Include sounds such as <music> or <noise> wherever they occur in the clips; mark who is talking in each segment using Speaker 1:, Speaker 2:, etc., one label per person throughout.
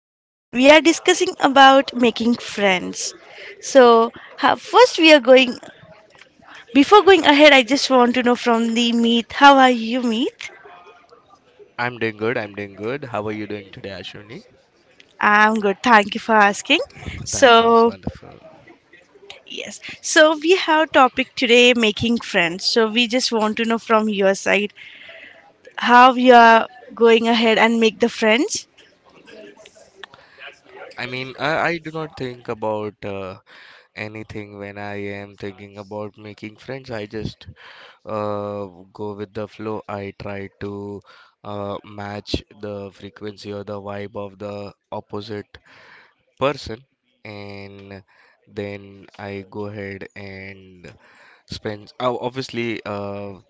Speaker 1: and we are discussing about making friends. So, ha- first we are going before going ahead I just want to know from the Meet, how are you Meet?
Speaker 2: I'm doing good. I'm doing good. How are you doing today, Ashwini?
Speaker 1: I'm good. Thank you for asking.
Speaker 2: That sounds
Speaker 1: So,
Speaker 2: wonderful.
Speaker 1: we have topic today making friends. So, we just want to know from your side how you are going ahead and make the friends.
Speaker 2: I mean, I do not think about anything when I am thinking about making friends. I just uh, go with the flow. I try to match the frequency or the vibe of the opposite person, and then I go ahead and spend. Oh, obviously,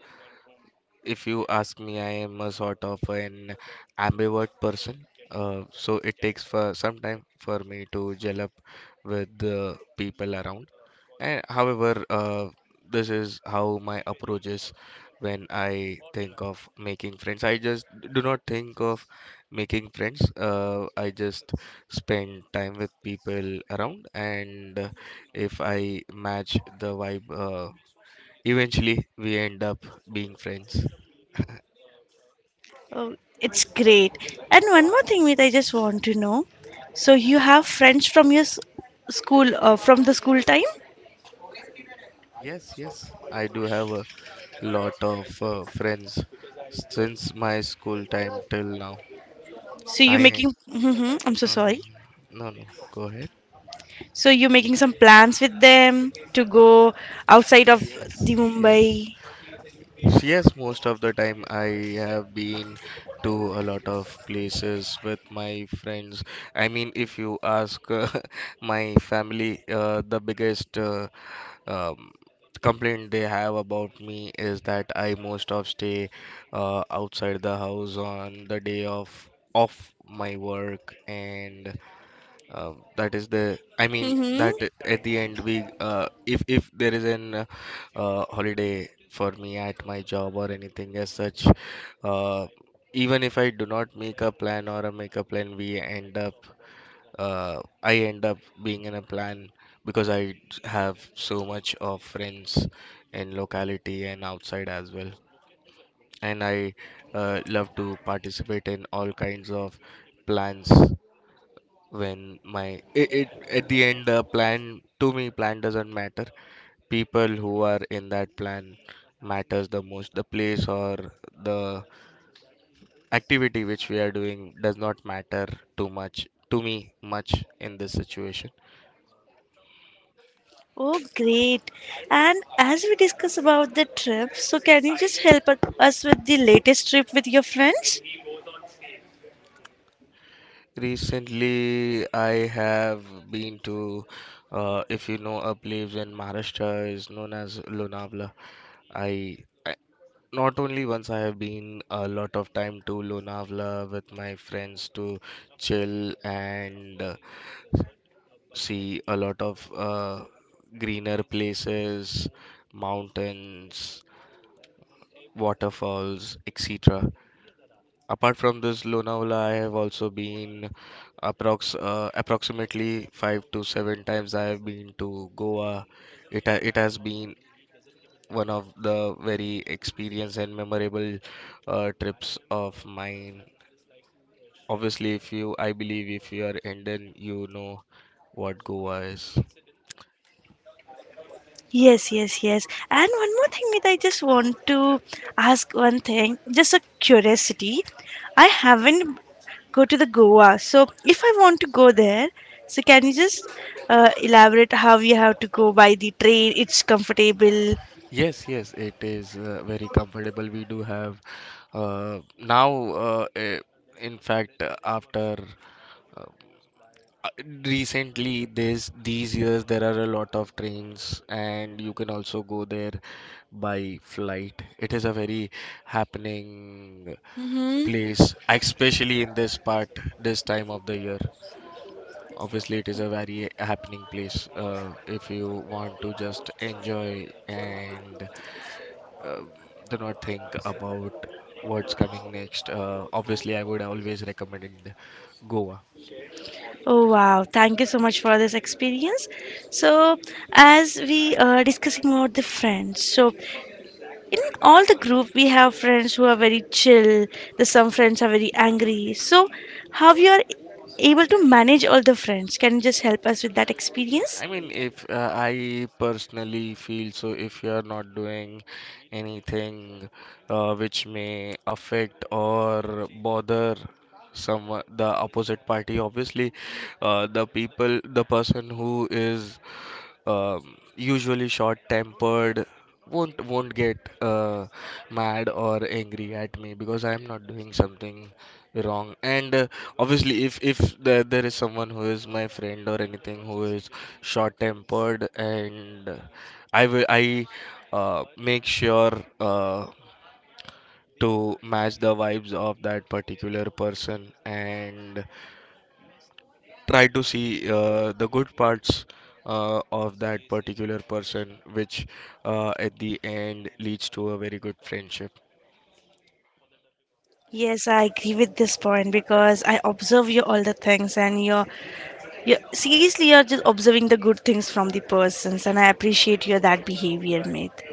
Speaker 2: if you ask me, I am a sort of an ambivert person. So it takes for some time for me to gel up with the people around. And however, this is how my approach is when I think of making friends. I just do not think of making friends. I just spend time with people around, and if I match the vibe, eventually we end up being friends.
Speaker 1: It's great. And one more thing, Meet, I just want to know. So you have friends from your school, from the school time.
Speaker 2: Yes, yes, I do have a lot of friends since my school time till now.
Speaker 1: So you're
Speaker 2: I
Speaker 1: making. I'm so sorry.
Speaker 2: mhm. No, no, go ahead.
Speaker 1: So you're making some plans with them to go outside of the
Speaker 2: Yes,
Speaker 1: Mumbai.
Speaker 2: yes, yes. Most of the time I have been to a lot of places with my friends. I mean, if you ask <laughs> my family, the biggest um, complaint they have about me is that I most of stay outside the house on the day of off my work, and that is the, I mean, that
Speaker 1: Mm-hmm.
Speaker 2: at the end we if there is an holiday for me at my job or anything as such, uh, even if I do not make a plan or a make a plan, we end up I end up being in a plan because I have so much of friends in locality and outside as well. And I love to participate in all kinds of plans when it at the end, plan to me plan doesn't matter. People who are in that plan matters the most. The place or the activity which we are doing does not matter too much to me much in this situation.
Speaker 1: Oh, great. And as we discuss about the trip, so can you just help us with the latest trip with your friends?
Speaker 2: Recently, I have been to, if you know, a place in Maharashtra is known as Lonavala. I, I not only once I have been a lot of time to Lonavala with my friends to chill and see a lot of greener places, mountains, waterfalls, etc. Apart from this, Lonavala, I have also been approximately five to seven times. I have been to Goa. It has been one of the very experience and memorable trips of mine. Obviously, if you, I believe if you are Indian, you know what Goa is.
Speaker 1: Yes, yes, yes. And one more thing, Nita, I just want to ask one thing, just a curiosity. I haven't go to the Goa, so if I want to go there, so can you just elaborate how you have to go by the train? It's comfortable.
Speaker 2: Yes, yes, it is very comfortable. We do have now, uh, eh, in fact, after. Uh, Uh, Recently, this these years there are a lot of trains, and you can also go there by flight. It is a very happening
Speaker 1: Hmm
Speaker 2: place, especially in this part, this time of the year. Obviously, it is a very happening place. If you want to just enjoy and uh, do not think about what's coming next, obviously I would always recommend Goa.
Speaker 1: Oh wow! Thank you so much for this experience. So, as we are discussing about the friends, so in all the group we have friends who are very chill, the some friends are very angry, so how you are able to manage all the friends, can you just help us with that experience?
Speaker 2: I mean, if I personally feel so, if you are not doing anything which may affect or bother someone, the opposite party. Obviously, the person who is usually short-tempered won't get mad or angry at me because I am not doing something wrong. And obviously, if there is someone who is my friend or anything who is short-tempered, and I make sure uh, to match the vibes of that particular person and try to see the good parts of that particular person, which at the end leads to a very good friendship.
Speaker 1: Yes, I agree with this point because I observe you all the things, and you're seriously you're just observing the good things from the persons, and I appreciate your that behavior, mate.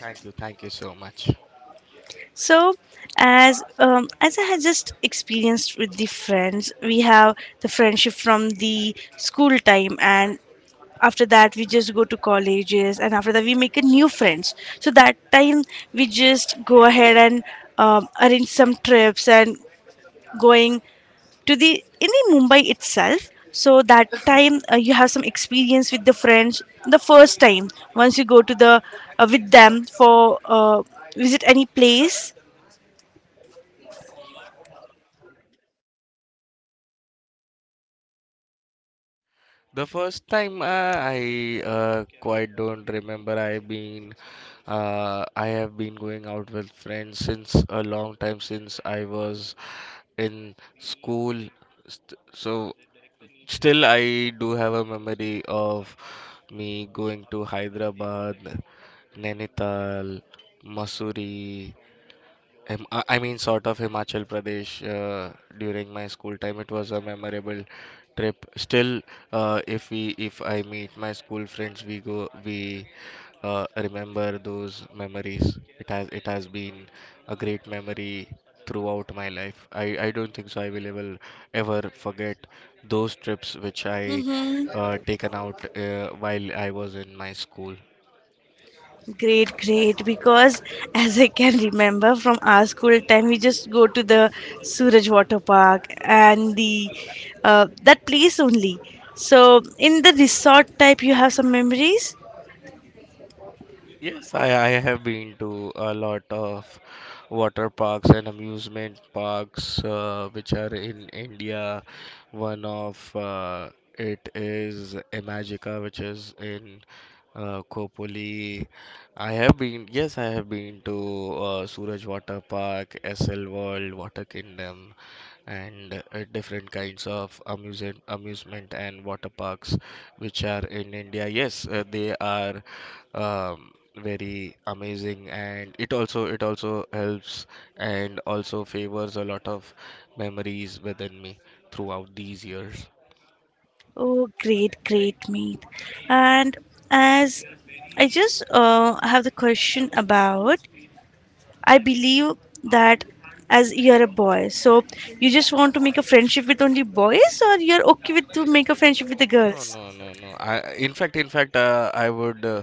Speaker 2: Thank you so much.
Speaker 1: So, as I had just experienced with the friends, we have the friendship from the school time, and after that we just go to colleges and after that we make a new friends, so that time we just go ahead and arrange some trips and going to the in the mumbai itself, so that time you have some experience with the friends the first time once you go to the with them for visit any place.
Speaker 2: The first time I quite don't remember. I have been going out with friends since a long time, since I was in school. So still I do have a memory of me going to Hyderabad, Nainital, Masuri, I mean, sort of Himachal Pradesh, during my school time. It was a memorable trip. Still, if I meet my school friends, we remember those memories. It has been a great memory throughout my life. I don't think so I will ever forget those trips which I taken out while I was in my school.
Speaker 1: Great, great. Because as I can remember from our school time, we just go to the Suraj Water Park and the that place only. So in the resort type, you have some memories.
Speaker 2: Yes, I have been to a lot of water parks and amusement parks which are in India. One of It is Imagica, which is in Kopoli. I have been, yes, I have been to Suraj Water Park, SL World, Water Kingdom, and different kinds of amusement and water parks which are in India. Yes, they are very amazing, and it also helps and also favors a lot of memories within me throughout these years.
Speaker 1: Oh, great, great, mate. And as I just have the question about, I believe that as you're a boy, so you just want to make a friendship with only boys, or you're okay with to make a friendship with the
Speaker 2: no no
Speaker 1: girls?
Speaker 2: no no no I In fact,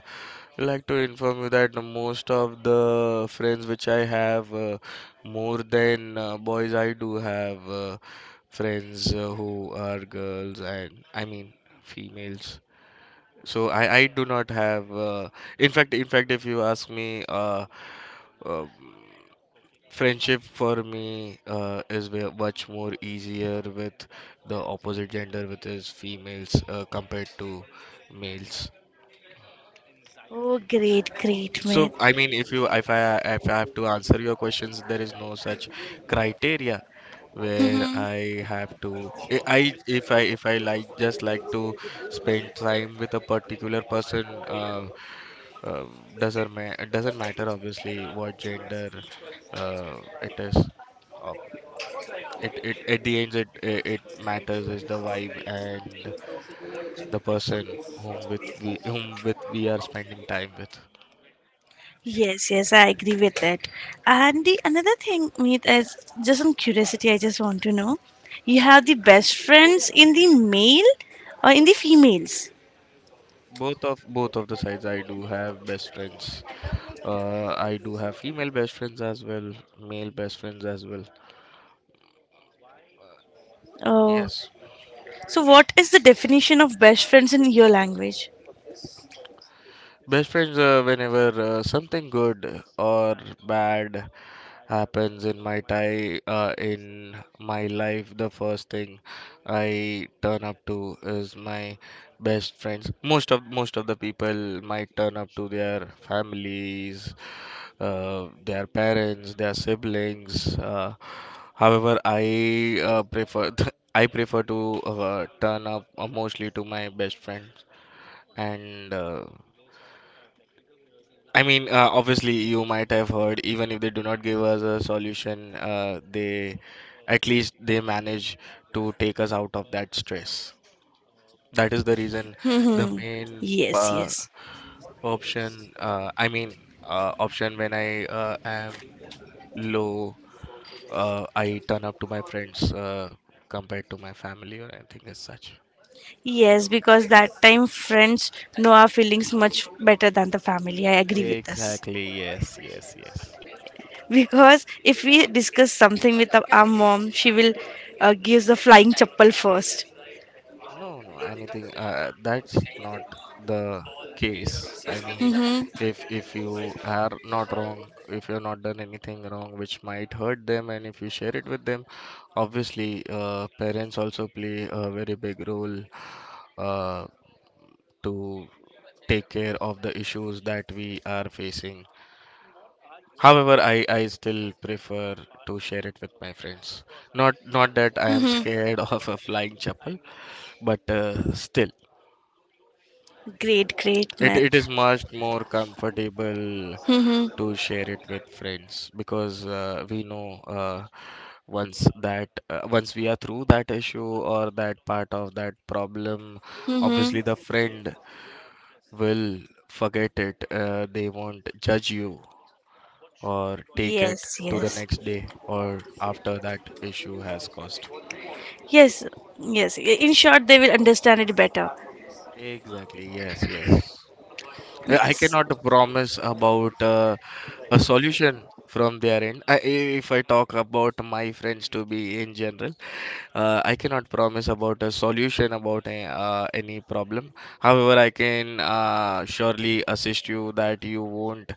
Speaker 2: I'd like to inform you that most of the friends which I have, more than boys, I do have friends who are girls, and I mean females. So I do not have. In fact, if you ask me, uh, friendship for me is much more easier with the opposite gender, which is females, compared to males.
Speaker 1: Oh, great, great,
Speaker 2: So
Speaker 1: Meet.
Speaker 2: I mean, if I have to answer your questions, there is no such criteria where I have to I- if I if I just like to spend time with a particular person. Uh, doesn't ma- it doesn't matter obviously what gender it is. Uh, it at the end, it matters is the vibe and the person whom with we are spending time with.
Speaker 1: Yes, yes, I agree with that. And the another thing, Meet, is just on curiosity, I just want to know, you have the best friends in the male or in the females?
Speaker 2: Both of the sides, I do have best friends. I do have female best friends as well, male best friends as well.
Speaker 1: Oh,
Speaker 2: Yes,
Speaker 1: so what is the definition of best friends in your language?
Speaker 2: best friends. Whenever something good or bad happens in my life, the first thing I turn up to is my best friends. Most of the people might turn up to their families, their parents, their siblings. However, I prefer <laughs> I prefer to turn up mostly to my best friends, and I mean, obviously, you might have heard, even if they do not give us a solution, they, at least they manage to take us out of that stress. That is the reason,
Speaker 1: <laughs>
Speaker 2: the
Speaker 1: Hmm.
Speaker 2: main
Speaker 1: Yes,
Speaker 2: uh,
Speaker 1: yes.
Speaker 2: option. I mean, option when I am low, I turn up to my friends compared to my family or anything as such.
Speaker 1: Yes, because that time friends know our feelings much better than the family. I agree with this.
Speaker 2: Exactly. Yes. Yes. Yes.
Speaker 1: Because if we discuss something with our mom, she will give the flying chappal first.
Speaker 2: No. No. Anything. That's not the case. I mean, if you are not wrong, if you're not done anything wrong, which might hurt them, and if you share it with them, obviously, parents also play a very big role uh, to take care of the issues that we are facing. However, I still prefer to share it with my friends. Not that I am scared <laughs> of a flying chapel, but still
Speaker 1: Great, great
Speaker 2: it,
Speaker 1: math.
Speaker 2: it is much more comfortable
Speaker 1: Mm-hmm,
Speaker 2: to share it with friends because we know once we are through that issue or that part of that problem,
Speaker 1: mm-hmm.
Speaker 2: obviously the friend will forget it, they won't judge you or take it
Speaker 1: Yes,
Speaker 2: to the
Speaker 1: yes.
Speaker 2: next day or after that issue has caused.
Speaker 1: Yes, yes. I- In short, they will understand it better.
Speaker 2: Exactly, yes, yes. I
Speaker 1: Yes,
Speaker 2: cannot promise about a solution from their end. If I talk about my friends to be in general, I cannot promise about a solution about any problem. However, I can surely assist you that you won't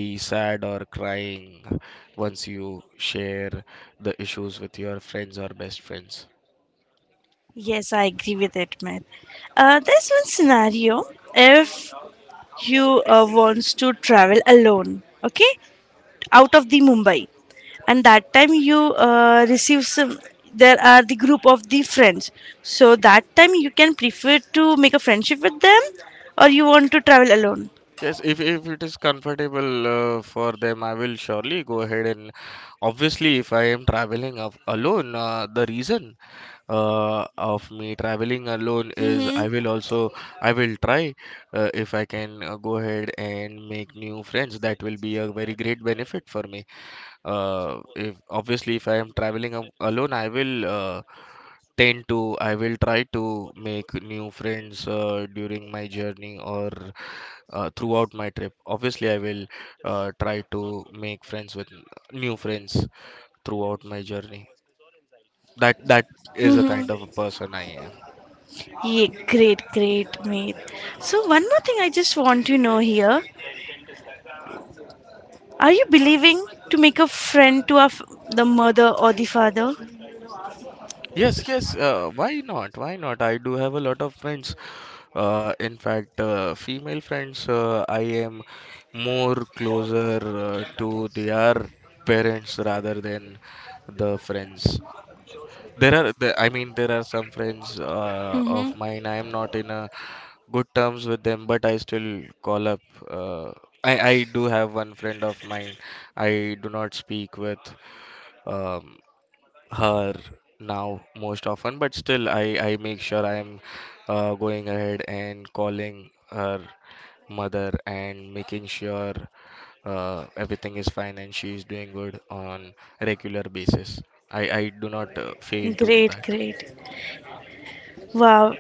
Speaker 2: be sad or crying once you share the issues with your friends or best friends.
Speaker 1: yes, I agree with it, man. There's one scenario if you wants to travel alone, okay? Out of the Mumbai, and that time you receive some. There are the group of the friends, so that time you can prefer to make a friendship with them, or you want to travel alone.
Speaker 2: Yes, if it is comfortable for them, I will surely go ahead, and obviously if I am traveling of alone, the reason of me traveling alone is,
Speaker 1: Mm-hmm.
Speaker 2: I will try if I can go ahead and make new friends. That will be a very great benefit for me. If obviously if I am traveling alone, I will try to make new friends during my journey or throughout my trip. Obviously, I will try to make friends with new friends throughout my journey. That is the kind of a person I am.
Speaker 1: Yeah, great, great, mate. So one more thing I just want to know here. Are you believing to make a friend to our the mother or the father?
Speaker 2: Yes, yes. Why not? Why not? I do have a lot of friends. In fact, female friends. I am more closer to their parents rather than the friends. There are there are some friends of
Speaker 1: Mm-hmm.
Speaker 2: mine I am not in a good terms with, them but I still call up. uh, I do have one friend of mine I do not speak with, um, her, now most often, but still I make sure I am going ahead and calling her mother and making sure everything is fine and she is doing good on regular basis. I do not fail to do
Speaker 1: Great,
Speaker 2: that.
Speaker 1: great. Wow.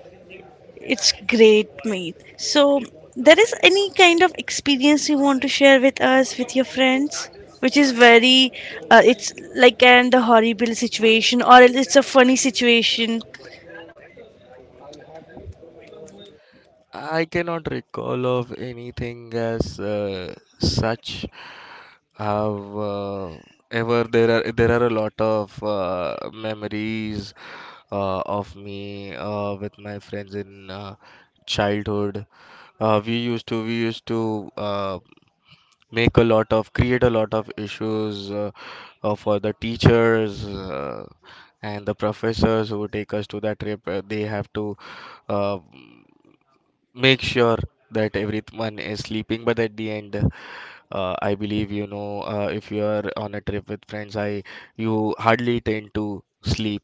Speaker 1: It's great, mate. So, there is any kind of experience you want to share with us, with your friends, which is very, it's like an the horrible situation or it's a funny situation.
Speaker 2: I cannot recall of anything as such. Have ever There are a lot of memories of me with my friends in childhood. We used to make a lot of create a lot of issues for the teachers. And the professors who take us to that trip, they have to uh, make sure that everyone is sleeping, but at the end, I believe, if you are on a trip with friends, I you hardly tend to sleep.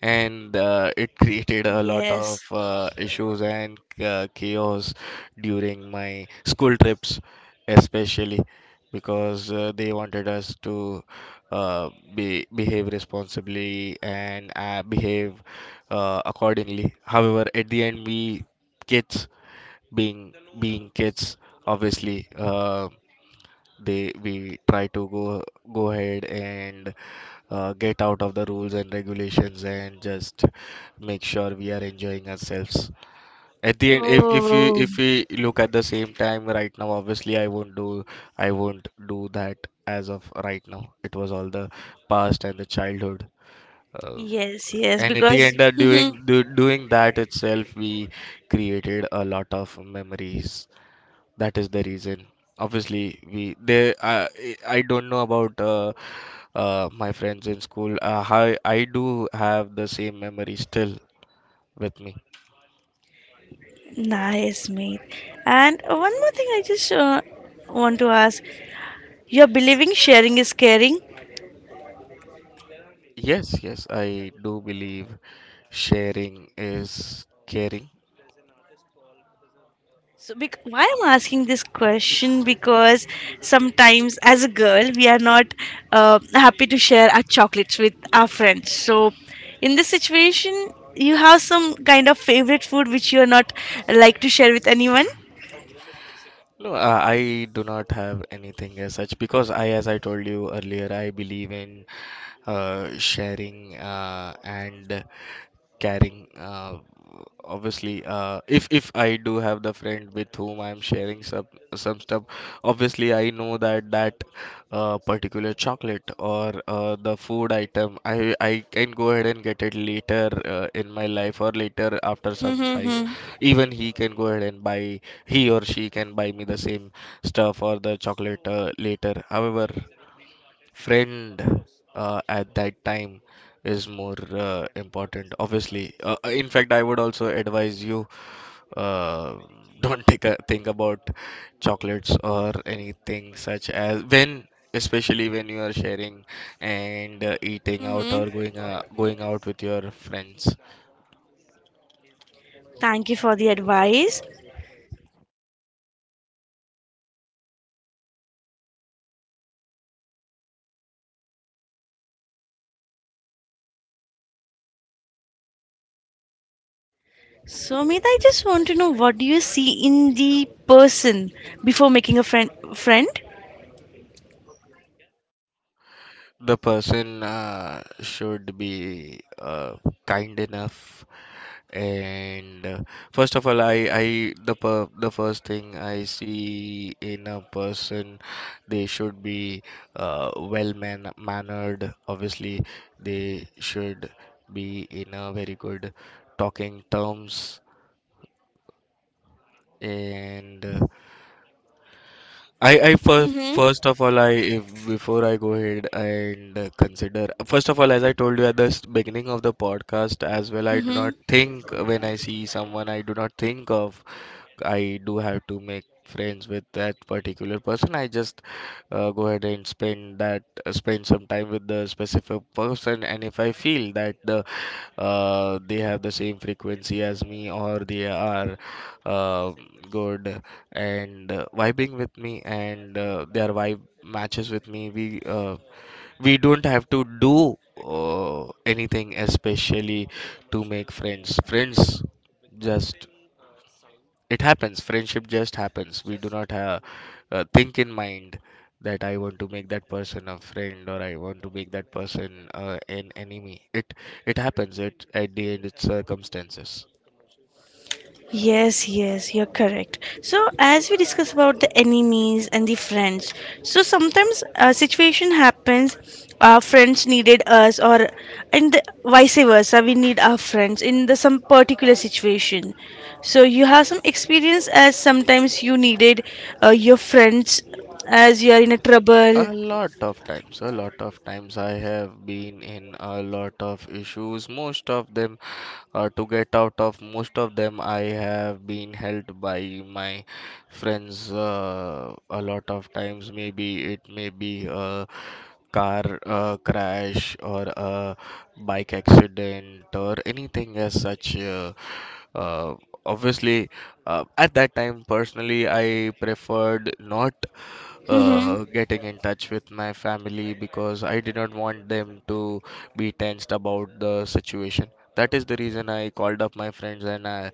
Speaker 2: And it created a lot of
Speaker 1: Yes.
Speaker 2: issues and chaos during my school trips, especially because they wanted us to uh, behave responsibly and behave accordingly. However, at the end, we kids, being being kids, obviously they we try to go ahead and get out of the rules and regulations and just make sure we are enjoying ourselves. At the end, if we
Speaker 1: Oh,
Speaker 2: look at the same time right now, obviously I won't do, I won't do that as of right now. It was all the past and the childhood. uh,
Speaker 1: yes, yes.
Speaker 2: and at
Speaker 1: Because
Speaker 2: the end of
Speaker 1: <laughs> Mhm.
Speaker 2: doing that itself, we created a lot of memories. That is the reason. Obviously we they I don't know about my friends in school. I do have the same memory still with me.
Speaker 1: Nice, mate. And one more thing, I just want to ask: You're believing sharing is caring.
Speaker 2: Yes, yes, I do believe sharing is caring.
Speaker 1: So, why I'm asking this question because sometimes as a girl we are not happy to share our chocolates with our friends. So, in this situation, you have some kind of favorite food which you are not like to share with anyone.
Speaker 2: No, I do not have anything as such, because I, as I told you earlier, I believe in sharing and carrying. Obviously, if I do have the friend with whom I'm sharing some stuff, obviously I know that particular chocolate or the food item, I can go ahead and get it later in my life or later after some time.
Speaker 1: Mm-hmm.
Speaker 2: Even he can go ahead and buy, he or she can buy me the same stuff or the chocolate later. However, friend at that time is more important. Obviously, in fact, I would also advise you, uh, <laughs> don't take a think about chocolates or anything such as when, especially when you are sharing and eating out
Speaker 1: Mm-hmm.
Speaker 2: or going out with your friends.
Speaker 1: Thank you for the advice. So, Meeta, I just want to know what do you see in the person before making a friend?
Speaker 2: The person should be kind enough. And first of all, the first thing I see in a person, they should be well mannered. Obviously, they should be in a very good talking terms. And I first first of all I if before I go ahead and consider, first of all, as I told you at the beginning of the podcast as well, I do
Speaker 1: Mm-hmm.
Speaker 2: not think when I see someone, I do not think of, I do have to make friends with that particular person. I just go ahead and spend that spend some time with the specific person, and if I feel that they have the same frequency as me, or they are uh, good and vibing with me, and their vibe matches with me, we don't have to do anything especially to make friends. Just it happens, friendship just happens. We do not have think in mind that I want to make that person a friend or I want to make that person an enemy. It happens. It At the end, it's circumstances.
Speaker 1: Yes, yes, you're correct. So, as we discuss about the enemies and the friends, so sometimes a situation happens, our friends needed us, or vice versa, we need our friends in the some particular situation. So, you have some experience as sometimes you needed your friends as you are in a trouble.
Speaker 2: A lot of times, a lot of times I have been in a lot of issues. Most of them, to get out of most of them, I have been helped by my friends a lot of times. Maybe it may be a car crash or a bike accident or anything as such. Uh, obviously, at that time, personally, I preferred not
Speaker 1: Mm-hmm,
Speaker 2: getting in touch with my family, because I did not want them to be tensed about the situation. That is the reason I called up my friends, and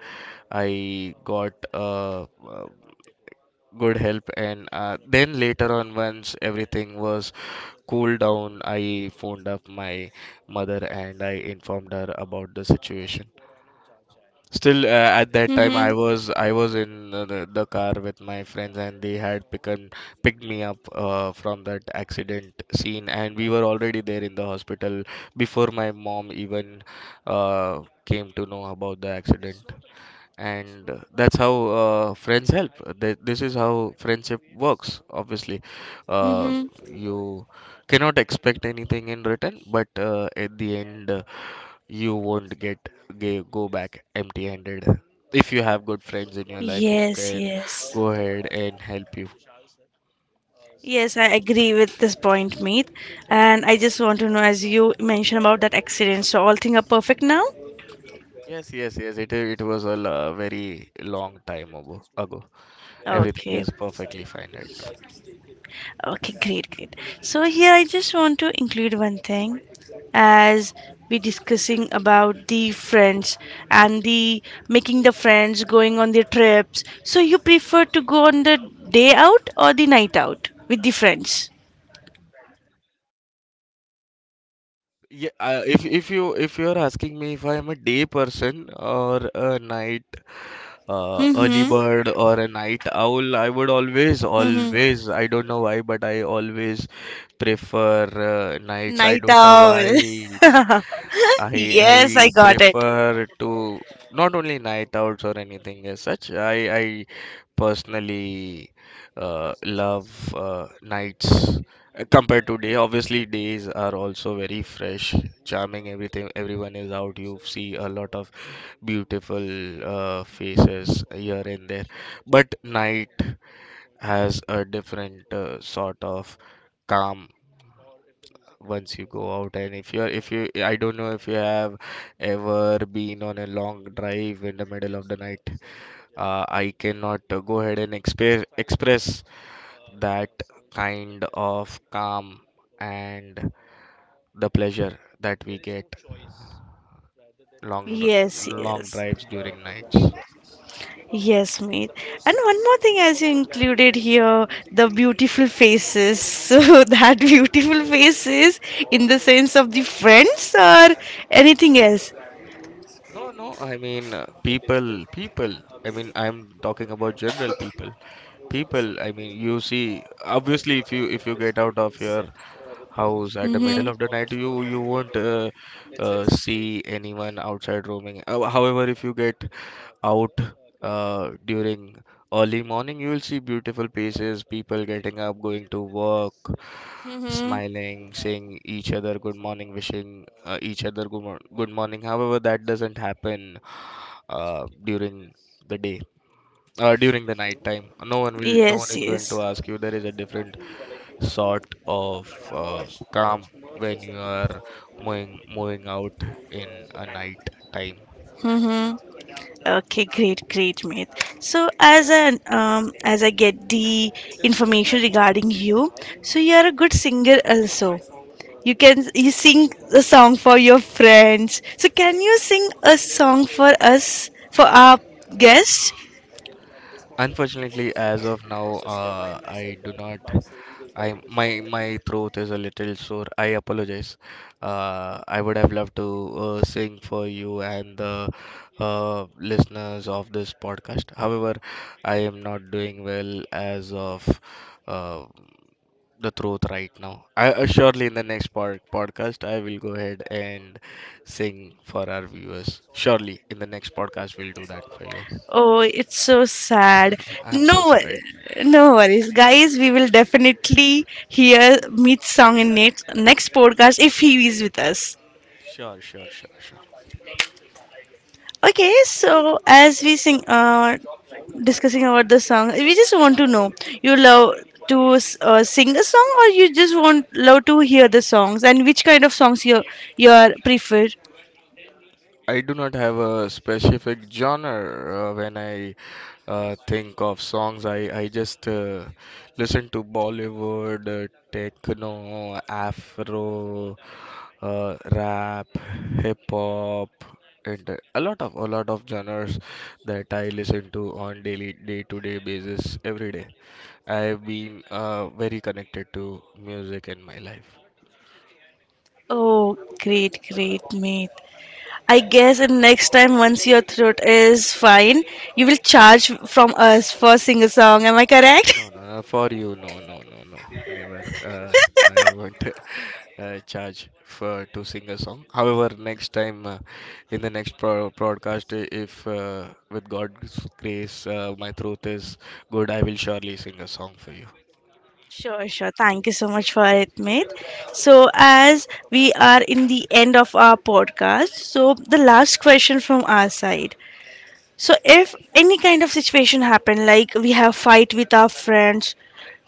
Speaker 2: I got good help. And then later on, once everything was cooled down, I phoned up my mother and I informed her about the situation. Still, at that time, I
Speaker 1: mm-hmm,
Speaker 2: was, I was in the car with my friends, and they had picked, picked me up from that accident scene, and we were already there in the hospital before my mom even came to know about the accident. And that's how friends help. This is how friendship works. Obviously, uh,
Speaker 1: mm-hmm.
Speaker 2: you cannot expect anything in return, but at the end, you won't get go back empty-handed if you have good friends in your life who
Speaker 1: Yes,
Speaker 2: can
Speaker 1: yes.
Speaker 2: go ahead and help you.
Speaker 1: Yes, I agree with this point, Meet. And I just want to know, as you mentioned about that accident, so all things are perfect now?
Speaker 2: Yes, yes, yes. It was a very long time ago. Ago, everything
Speaker 1: Okay,
Speaker 2: is perfectly fine right now.
Speaker 1: okay, great, great. So here I just want to include one thing as we discussing about the friends and the making the friends going on the trips. So you prefer to go on the day out or the night out with the friends?
Speaker 2: Yeah, if you're asking me if I am a day person or a night, early
Speaker 1: Mm-hmm.
Speaker 2: bird or a night owl, I would always,
Speaker 1: Mm-hmm.
Speaker 2: always, I don't know why, but I always prefer nights. I
Speaker 1: Night
Speaker 2: don't know
Speaker 1: owl.
Speaker 2: why. It's,
Speaker 1: <laughs>
Speaker 2: I
Speaker 1: Yes, I
Speaker 2: I
Speaker 1: got it.
Speaker 2: prefer to, not only night owls or anything as such. I personally love nights compared to day. Obviously, days are also very fresh, charming, everything, everyone is out, you see a lot of beautiful faces here and there. But night has a different sort of calm. Once you go out, and if you're, if you, I don't know if you have ever been on a long drive in the middle of the night, I cannot go ahead and express, express that kind of calm and the pleasure that we get,
Speaker 1: Yes,
Speaker 2: long
Speaker 1: yes,
Speaker 2: drives during nights.
Speaker 1: yes, mate. And one more thing, as you included here, the beautiful faces. <laughs> So that beautiful faces, in the sense of the friends or anything else.
Speaker 2: No, no, I mean, people, I mean, I'm talking about general people, people, I mean, you see, obviously if you, if you get out of your house at the middle of
Speaker 1: Mm-hmm.
Speaker 2: the night, you won't see anyone outside roaming. However, if you get out during early morning, you will see beautiful places, people getting up, going to work,
Speaker 1: Mm-hmm.
Speaker 2: smiling, saying each other good morning, wishing each other good morning. However, that doesn't happen during the day. During the night time, no one will, no one
Speaker 1: Yes,
Speaker 2: is going to
Speaker 1: yes.
Speaker 2: ask you. There is a different sort of calm when you are moving, moving out in a night time.
Speaker 1: Mm-hmm. Okay, great, great, mate. So as I get the information regarding you, so you are a good singer also. You can you sing a song for your friends. So can you sing a song for us for our guest?
Speaker 2: Unfortunately, as of now, I do not. I, my throat is a little sore. I apologize. I would have loved to sing for you and the listeners of this podcast. However, I am not doing well as of uh, the throat right now. I, surely in the next podcast I will go ahead and sing for our viewers. Surely in the next podcast we'll do that for you.
Speaker 1: Oh, it's so sad.
Speaker 2: <laughs> I'm so
Speaker 1: No,
Speaker 2: sorry.
Speaker 1: no worries, guys. We will definitely hear Meet's song in next podcast if he is with us.
Speaker 2: Sure, sure, sure, sure.
Speaker 1: Okay, so as we sing, discussing about the song, we just want to know you love to sing a song, or you just want love to hear the songs, and which kind of songs you you are prefer.
Speaker 2: I do not have a specific genre when I think of songs. I just listen to Bollywood, techno, afro, rap, hip hop, and a lot of genres that I listen to on daily, day to day basis, every day. I've been very connected to music in my life.
Speaker 1: Oh, great, great, mate. I guess and next time once your throat is fine, you will charge from us for sing a song. Am I
Speaker 2: No,
Speaker 1: correct?
Speaker 2: no,
Speaker 1: <laughs>
Speaker 2: no, for you, no, no, no, no, never. I won't <laughs> charge for to sing a song. However, next time, in the next pro broadcast, if with God's grace, my throat is good, I will surely sing a song for you.
Speaker 1: Sure, sure. Thank you so much for it, mate. So, as we are in the end of our podcast, so the last question from our side. So, if any kind of situation happen, like we have fight with our friends,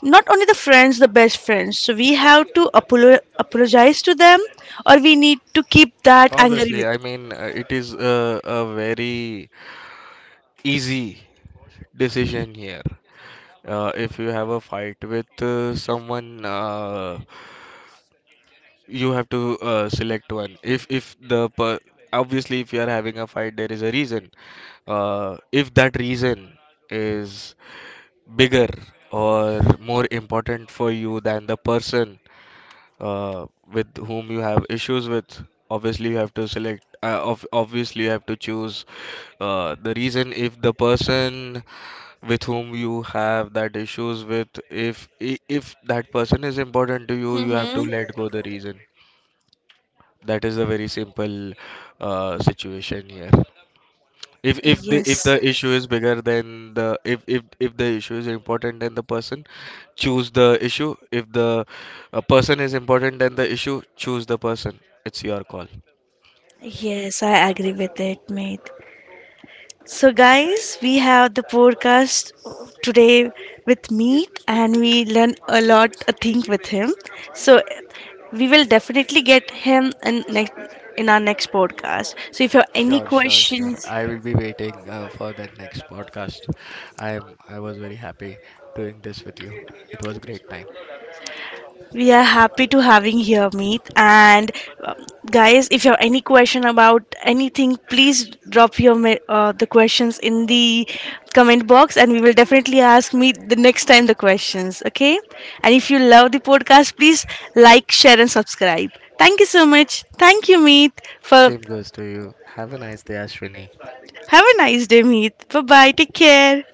Speaker 1: not only the friends, the best friends, so we have to apologize to them, or we need to keep that anger
Speaker 2: Obviously,
Speaker 1: with.
Speaker 2: I mean, it is a very easy decision here. If you have a fight with someone, you have to select one. If the per- Obviously, if you are having a fight, there is a reason. If that reason is bigger or more important for you than the person uh, with whom you have issues with, obviously you have to select obviously you have to choose the reason. If the person with whom you have that issues with, if that person is important to you, you have to
Speaker 1: Mm-hmm.
Speaker 2: let go the reason. That is a very simple situation here. If
Speaker 1: Yes,
Speaker 2: the issue is bigger than the if the issue is important then the person, choose the issue. If the person is important than the issue, choose the person. It's your call.
Speaker 1: yes, I agree with it, mate. So, guys, we have the podcast today with Meet, and we learn a lot, a thing with him. So, we will definitely get him in next in our next podcast. So, if you have any
Speaker 2: Sure, sure, sure.
Speaker 1: questions,
Speaker 2: I will be waiting for that next podcast. I was very happy doing this with you. It was a great time.
Speaker 1: we are happy to having here, Meet. And uh, guys, if you have any question about anything, please drop your the questions in the comment box, and we will definitely ask Meet the next time the questions. Okay? And if you love the podcast, please like, share, and subscribe. Thank you so much. Thank you, Meet. For
Speaker 2: Same goes to you. Have a nice day, Ashwini.
Speaker 1: have a nice day, Meet. Bye bye. Take care.